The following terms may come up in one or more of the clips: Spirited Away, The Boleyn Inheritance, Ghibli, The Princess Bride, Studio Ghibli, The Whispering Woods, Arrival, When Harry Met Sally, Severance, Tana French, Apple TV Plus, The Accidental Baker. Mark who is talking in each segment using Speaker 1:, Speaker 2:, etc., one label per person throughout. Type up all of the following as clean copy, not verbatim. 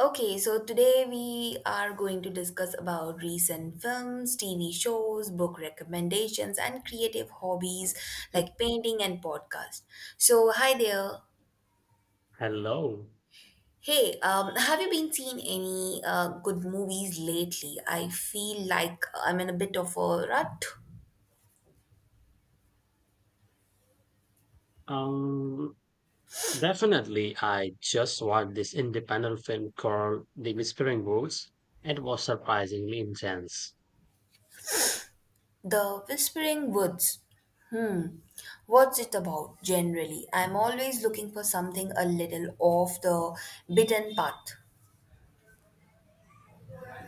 Speaker 1: Okay, so today we are going to discuss about recent films, TV shows, book recommendations, and creative hobbies like painting and podcast. So, hi there.
Speaker 2: Hello.
Speaker 1: Hey, have you been seeing any good movies lately? I feel like I'm in a bit of a rut.
Speaker 2: Um, Definitely, I just watched this independent film called The Whispering Woods. It was surprisingly intense.
Speaker 1: The Whispering Woods. Hmm. What's it about generally? I'm always looking for something a little off the beaten path.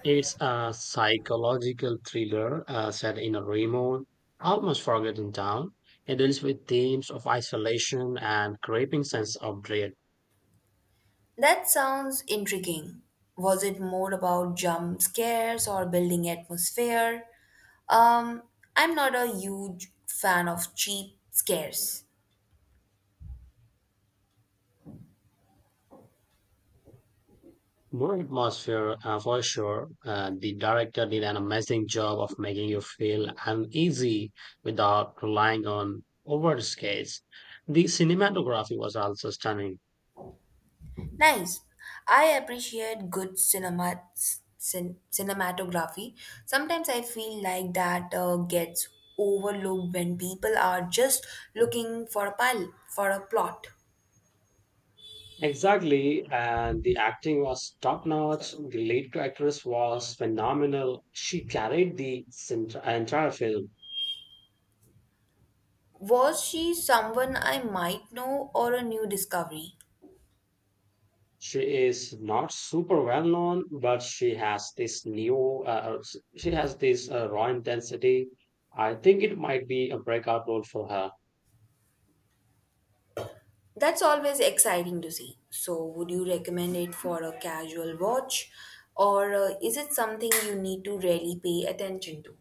Speaker 2: It's a psychological thriller set in a remote, almost forgotten town. It deals with themes of isolation and creeping sense of dread.
Speaker 1: That sounds intriguing. Was it more about jump scares or building atmosphere? Um, I'm not a huge fan of cheap scares.
Speaker 2: More atmosphere for sure. The director did an amazing job of making you feel uneasy without relying on overscales. The cinematography was also stunning.
Speaker 1: Nice. I appreciate good cinema cinematography. Sometimes I feel like that gets overlooked when people are just looking for a pile for a plot.
Speaker 2: Exactly, and the acting was top notch. The lead actress was phenomenal. She carried the entire film.
Speaker 1: Was she someone I might know or a new discovery?
Speaker 2: She is not super well known, but she has this new, she has this raw intensity. I think it might be a breakout role for her.
Speaker 1: That's always exciting to see. So, would you recommend it for a casual watch or is it something you need to really pay attention to?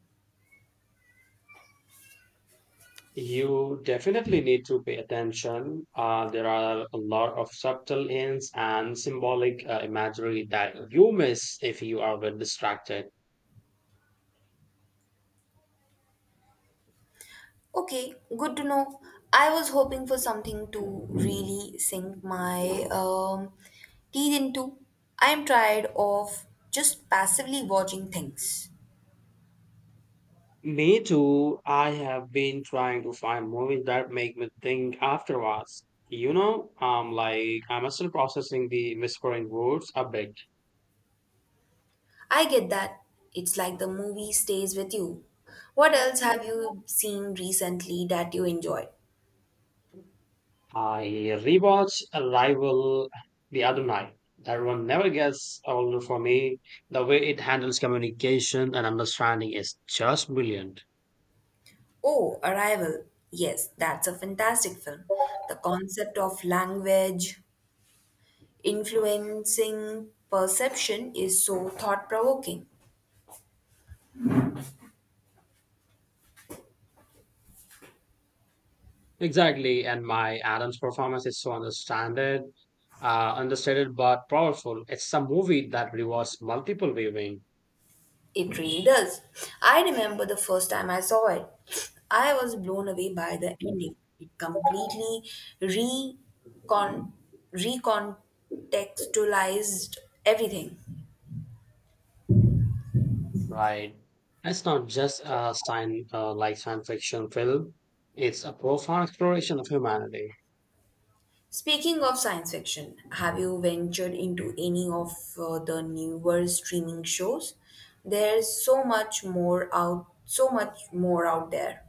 Speaker 2: You definitely need to pay attention. There are a lot of subtle hints and symbolic imagery that you miss if you are well distracted.
Speaker 1: Okay, good to know. I was hoping for something to really sink my teeth into. I'm tired of just passively watching things.
Speaker 2: Me too. I have been trying to find movies that make me think afterwards. Like I'm still processing the Whispering Woods a bit.
Speaker 1: I get that. It's like the movie stays with you. What else have you seen recently that you enjoyed?
Speaker 2: I rewatched Arrival the other night. That one never gets old for me. The way it handles communication and understanding is just brilliant.
Speaker 1: Oh, Arrival. Yes, that's a fantastic film. The concept of language influencing perception is so thought provoking.
Speaker 2: Exactly, and my Adams performance is so understated but powerful. It's a movie that rewards multiple viewing,
Speaker 1: It really does. I remember the first time I saw it. I was blown away by the ending. It completely recon- recontextualized everything.
Speaker 2: right? It's not just a sign like science fiction film. It's a profound exploration of humanity.
Speaker 1: Speaking of science fiction, have you ventured into any of the newer streaming shows? There's so much more out there.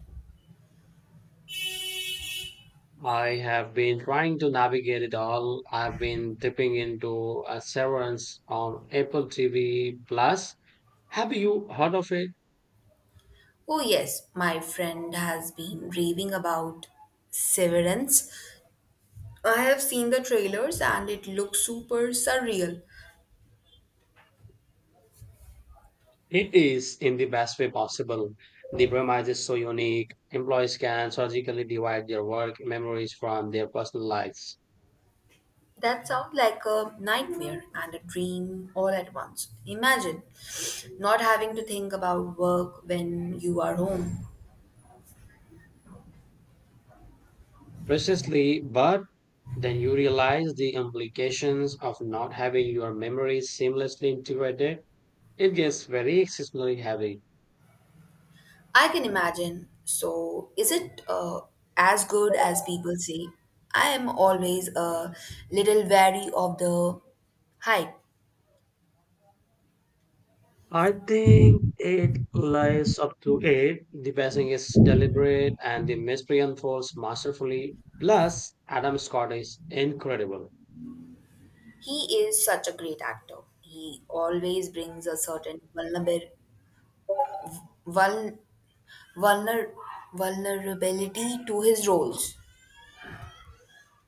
Speaker 2: I have been trying to navigate it all. I've been dipping into Severance on Apple TV Plus. Have you heard of it?
Speaker 1: Oh yes, my friend has been raving about Severance. I have seen the trailers and it looks super surreal.
Speaker 2: It is, in the best way possible. The premise is so unique. Employees can surgically divide their work memories from their personal lives.
Speaker 1: That sounds like a nightmare and a dream all at once. Imagine not having to think about work when you are home.
Speaker 2: Precisely, but then you realize the implications of not having your memories seamlessly integrated. It gets very exceptionally heavy.
Speaker 1: I can imagine. So, is it as good as people say? I am always a little wary of the hype.
Speaker 2: I think it lies up to it. The pacing is deliberate and the mystery unfolds masterfully. Plus, Adam Scott is incredible.
Speaker 1: He is such a great actor. He always brings a certain vul- vulner- vulnerability to his roles.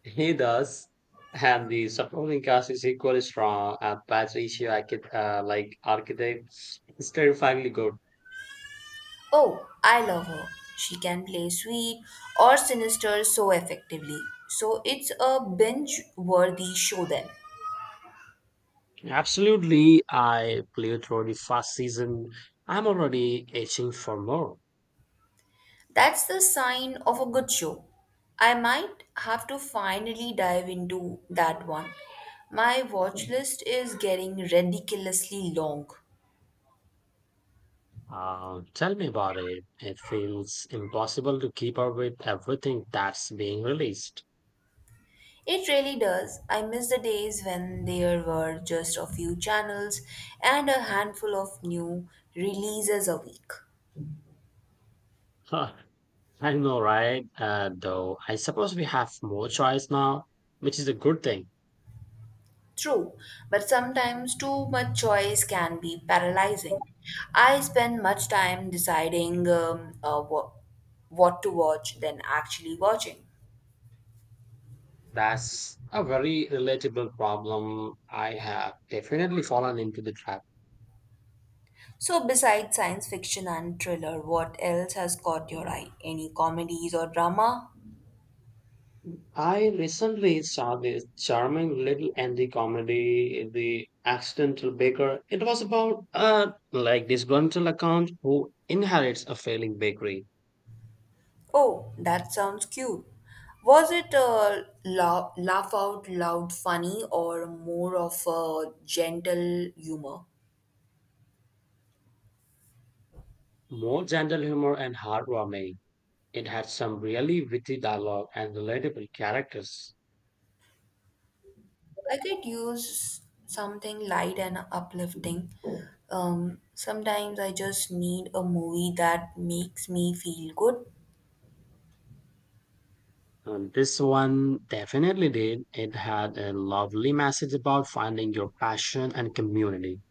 Speaker 2: He does, and the supporting cast is equally strong. Patricia Arquette, like architect, is terrifyingly good.
Speaker 1: Oh, I love her. She can play sweet or sinister so effectively. So, it's a binge worthy show then.
Speaker 2: Absolutely, I played through the first season. I'm already itching for more.
Speaker 1: That's the sign of a good show. I might have to finally dive into that one. My watch list is getting ridiculously long.
Speaker 2: Tell me about it. It feels impossible to keep up with everything that's being released.
Speaker 1: It really does. I miss the days when there were just a few channels and a handful of new releases a week.
Speaker 2: Huh, I know, right? Though I suppose we have more choice now, which is a good thing.
Speaker 1: True, but sometimes too much choice can be paralyzing. I spend much time deciding what to watch than actually watching.
Speaker 2: That's a very relatable problem. I have definitely fallen into the trap.
Speaker 1: So, besides science fiction and thriller, what else has caught your eye? Any comedies or drama?
Speaker 2: I recently saw this charming little indie comedy, The Accidental Baker. It was about a like disgruntled account who inherits a failing bakery.
Speaker 1: Oh, that sounds cute. Was it a laugh out loud funny or more of a gentle humor?
Speaker 2: More gentle humor and heartwarming. It had some really witty dialogue and relatable characters.
Speaker 1: I could use something light and uplifting. Sometimes I just need a movie that makes me feel good.
Speaker 2: And this one definitely did. It had a lovely message about finding your passion and community.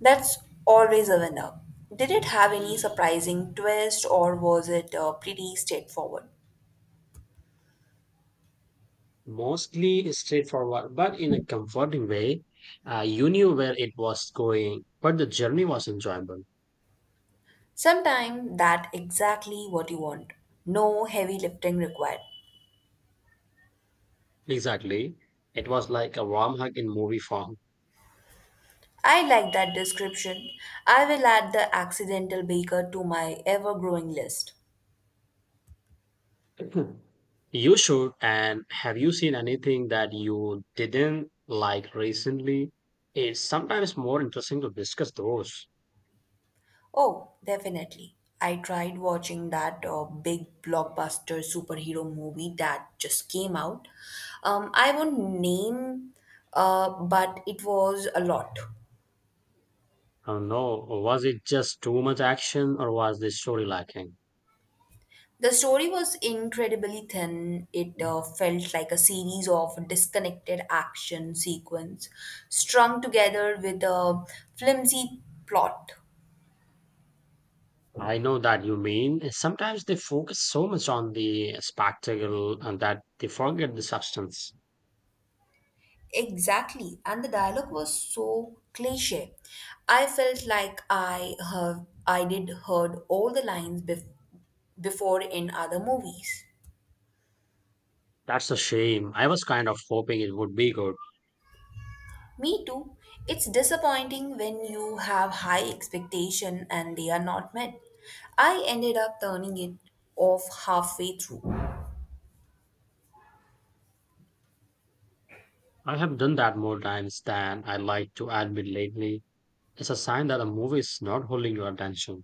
Speaker 1: That's always a winner. Did it have any surprising twist or was it pretty straightforward?
Speaker 2: Mostly straightforward, but in a comforting way. You knew where it was going, but the journey was enjoyable.
Speaker 1: Sometimes that exactly what you want. No heavy lifting required.
Speaker 2: Exactly. It was like a warm hug in movie form.
Speaker 1: I like that description. I will add the accidental baker to my ever-growing list.
Speaker 2: You should. And have you seen anything that you didn't like recently? It's sometimes more interesting to discuss those.
Speaker 1: Oh, definitely. I tried watching that big blockbuster superhero movie that just came out. I won't name, but it was a lot.
Speaker 2: I don't know. Was it just too much action or was the story lacking?
Speaker 1: The story was incredibly thin. It felt like a series of disconnected action sequence strung together with a flimsy plot.
Speaker 2: I know that you mean. Sometimes they focus so much on the spectacle and that they forget the substance.
Speaker 1: Exactly, and the dialogue was so cliche. I felt like I have I did heard all the lines before in other movies.
Speaker 2: That's a shame. I was kind of hoping it would be good.
Speaker 1: Me too. It's disappointing when you have high expectation and they are not met. I ended up turning it off halfway through.
Speaker 2: I have done that more times than I like to admit lately. It's a sign that a movie is not holding your attention.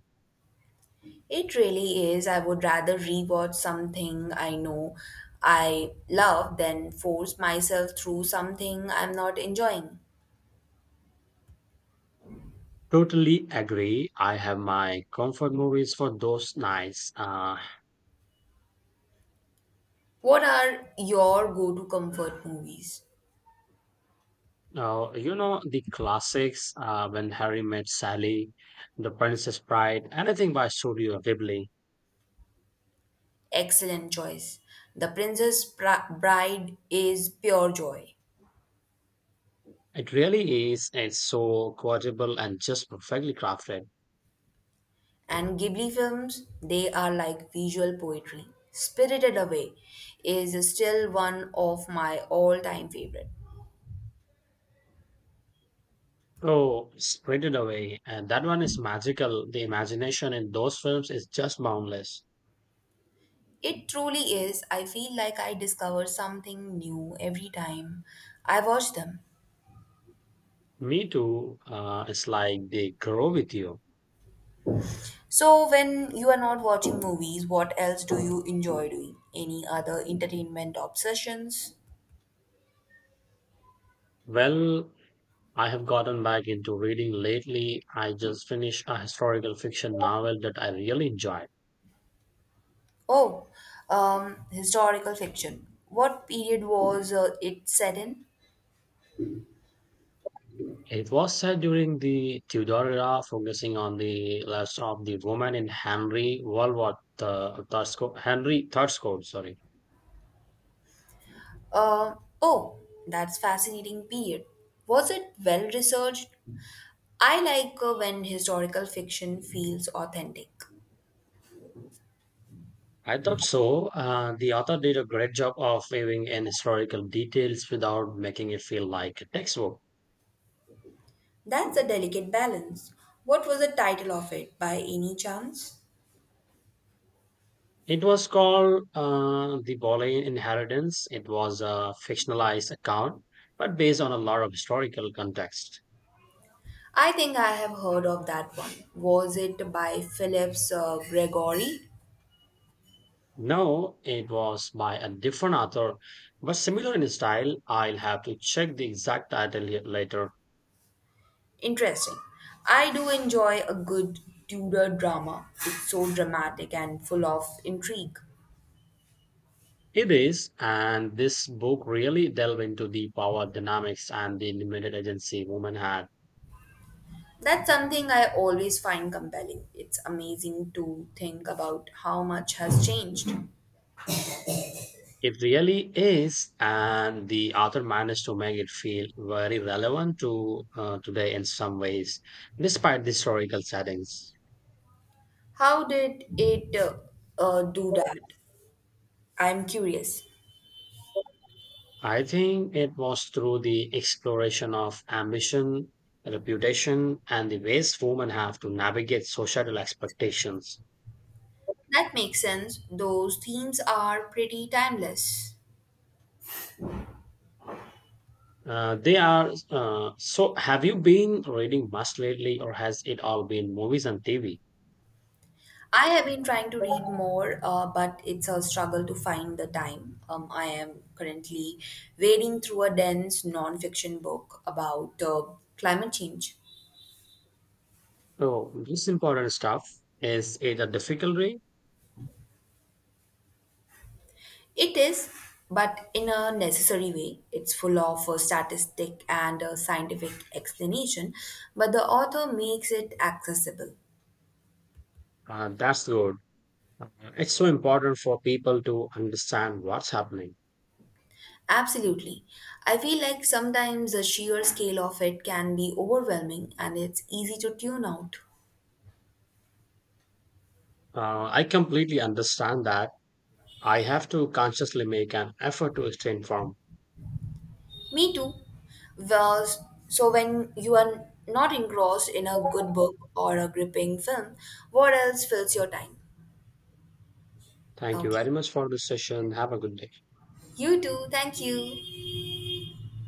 Speaker 1: It really is. I would rather rewatch something I know I love than force myself through something I'm not enjoying.
Speaker 2: Totally agree. I have my comfort movies for those nights.
Speaker 1: What are your go-to comfort movies?
Speaker 2: You know, the classics, when Harry met Sally, The Princess Bride, anything by Studio Ghibli.
Speaker 1: Excellent choice. The Bride is pure joy.
Speaker 2: It really is. It's so quotable and just perfectly crafted.
Speaker 1: And Ghibli films, they are like visual poetry. Spirited Away is still one of my all time favorite.
Speaker 2: Oh, spread it away. And that one is magical. The imagination in those films is just boundless.
Speaker 1: It truly is. I feel like I discover something new every time I watch them.
Speaker 2: Me too. It's like they grow with you.
Speaker 1: So, when you are not watching movies, what else do you enjoy doing? Any other entertainment obsessions?
Speaker 2: Well, I have gotten back into reading lately. I just finished a historical fiction novel that I really enjoyed.
Speaker 1: Oh, historical fiction. What period was it set in?
Speaker 2: It was set during the Tudor era, focusing on the lives of the woman in Henry World War Henry Thurscote, sorry.
Speaker 1: Uh, oh, that's fascinating period. Was it well researched? I like when historical fiction feels authentic.
Speaker 2: I thought so. The author did a great job of weaving in historical details without making it feel like a textbook.
Speaker 1: That's a delicate balance. What was the title of it by any chance?
Speaker 2: It was called The Boleyn Inheritance. It was a fictionalized account, but based on a lot of historical context.
Speaker 1: I think I have heard of that one. Was it by Phillips Gregory?
Speaker 2: No, it was by a different author, but similar in style. I'll have to check the exact title here later.
Speaker 1: Interesting. I do enjoy a good Tudor drama. It's so dramatic and full of intrigue.
Speaker 2: It is, and this book really delved into the power dynamics and the limited agency women had.
Speaker 1: That's something I always find compelling. It's amazing to think about how much has changed.
Speaker 2: It really is, and the author managed to make it feel very relevant to today in some ways, despite the historical settings.
Speaker 1: How did it do that? I'm curious.
Speaker 2: I think it was through the exploration of ambition, reputation, and the ways women have to navigate societal expectations.
Speaker 1: That makes sense. Those themes are pretty timeless.
Speaker 2: They are so. Have you been reading much lately, or has it all been movies and TV?
Speaker 1: I have been trying to read more, but it's a struggle to find the time. I am currently wading through a dense nonfiction book about climate change.
Speaker 2: Oh, this important stuff. Is it a difficult read?
Speaker 1: It is, but in a necessary way. It's full of statistic and scientific explanation, but the author makes it accessible.
Speaker 2: That's good. Uh, It's so important for people to understand what's happening.
Speaker 1: Absolutely. I feel like sometimes the sheer scale of it can be overwhelming and it's easy to tune out.
Speaker 2: I completely understand that. I have to consciously make an effort to stay informed.
Speaker 1: Me too. Well, so when you are not engrossed in a good book or a gripping film, what else fills your time?
Speaker 2: Thank you
Speaker 1: Okay.
Speaker 2: very much for this session. Have a good day.
Speaker 1: You too. Thank you.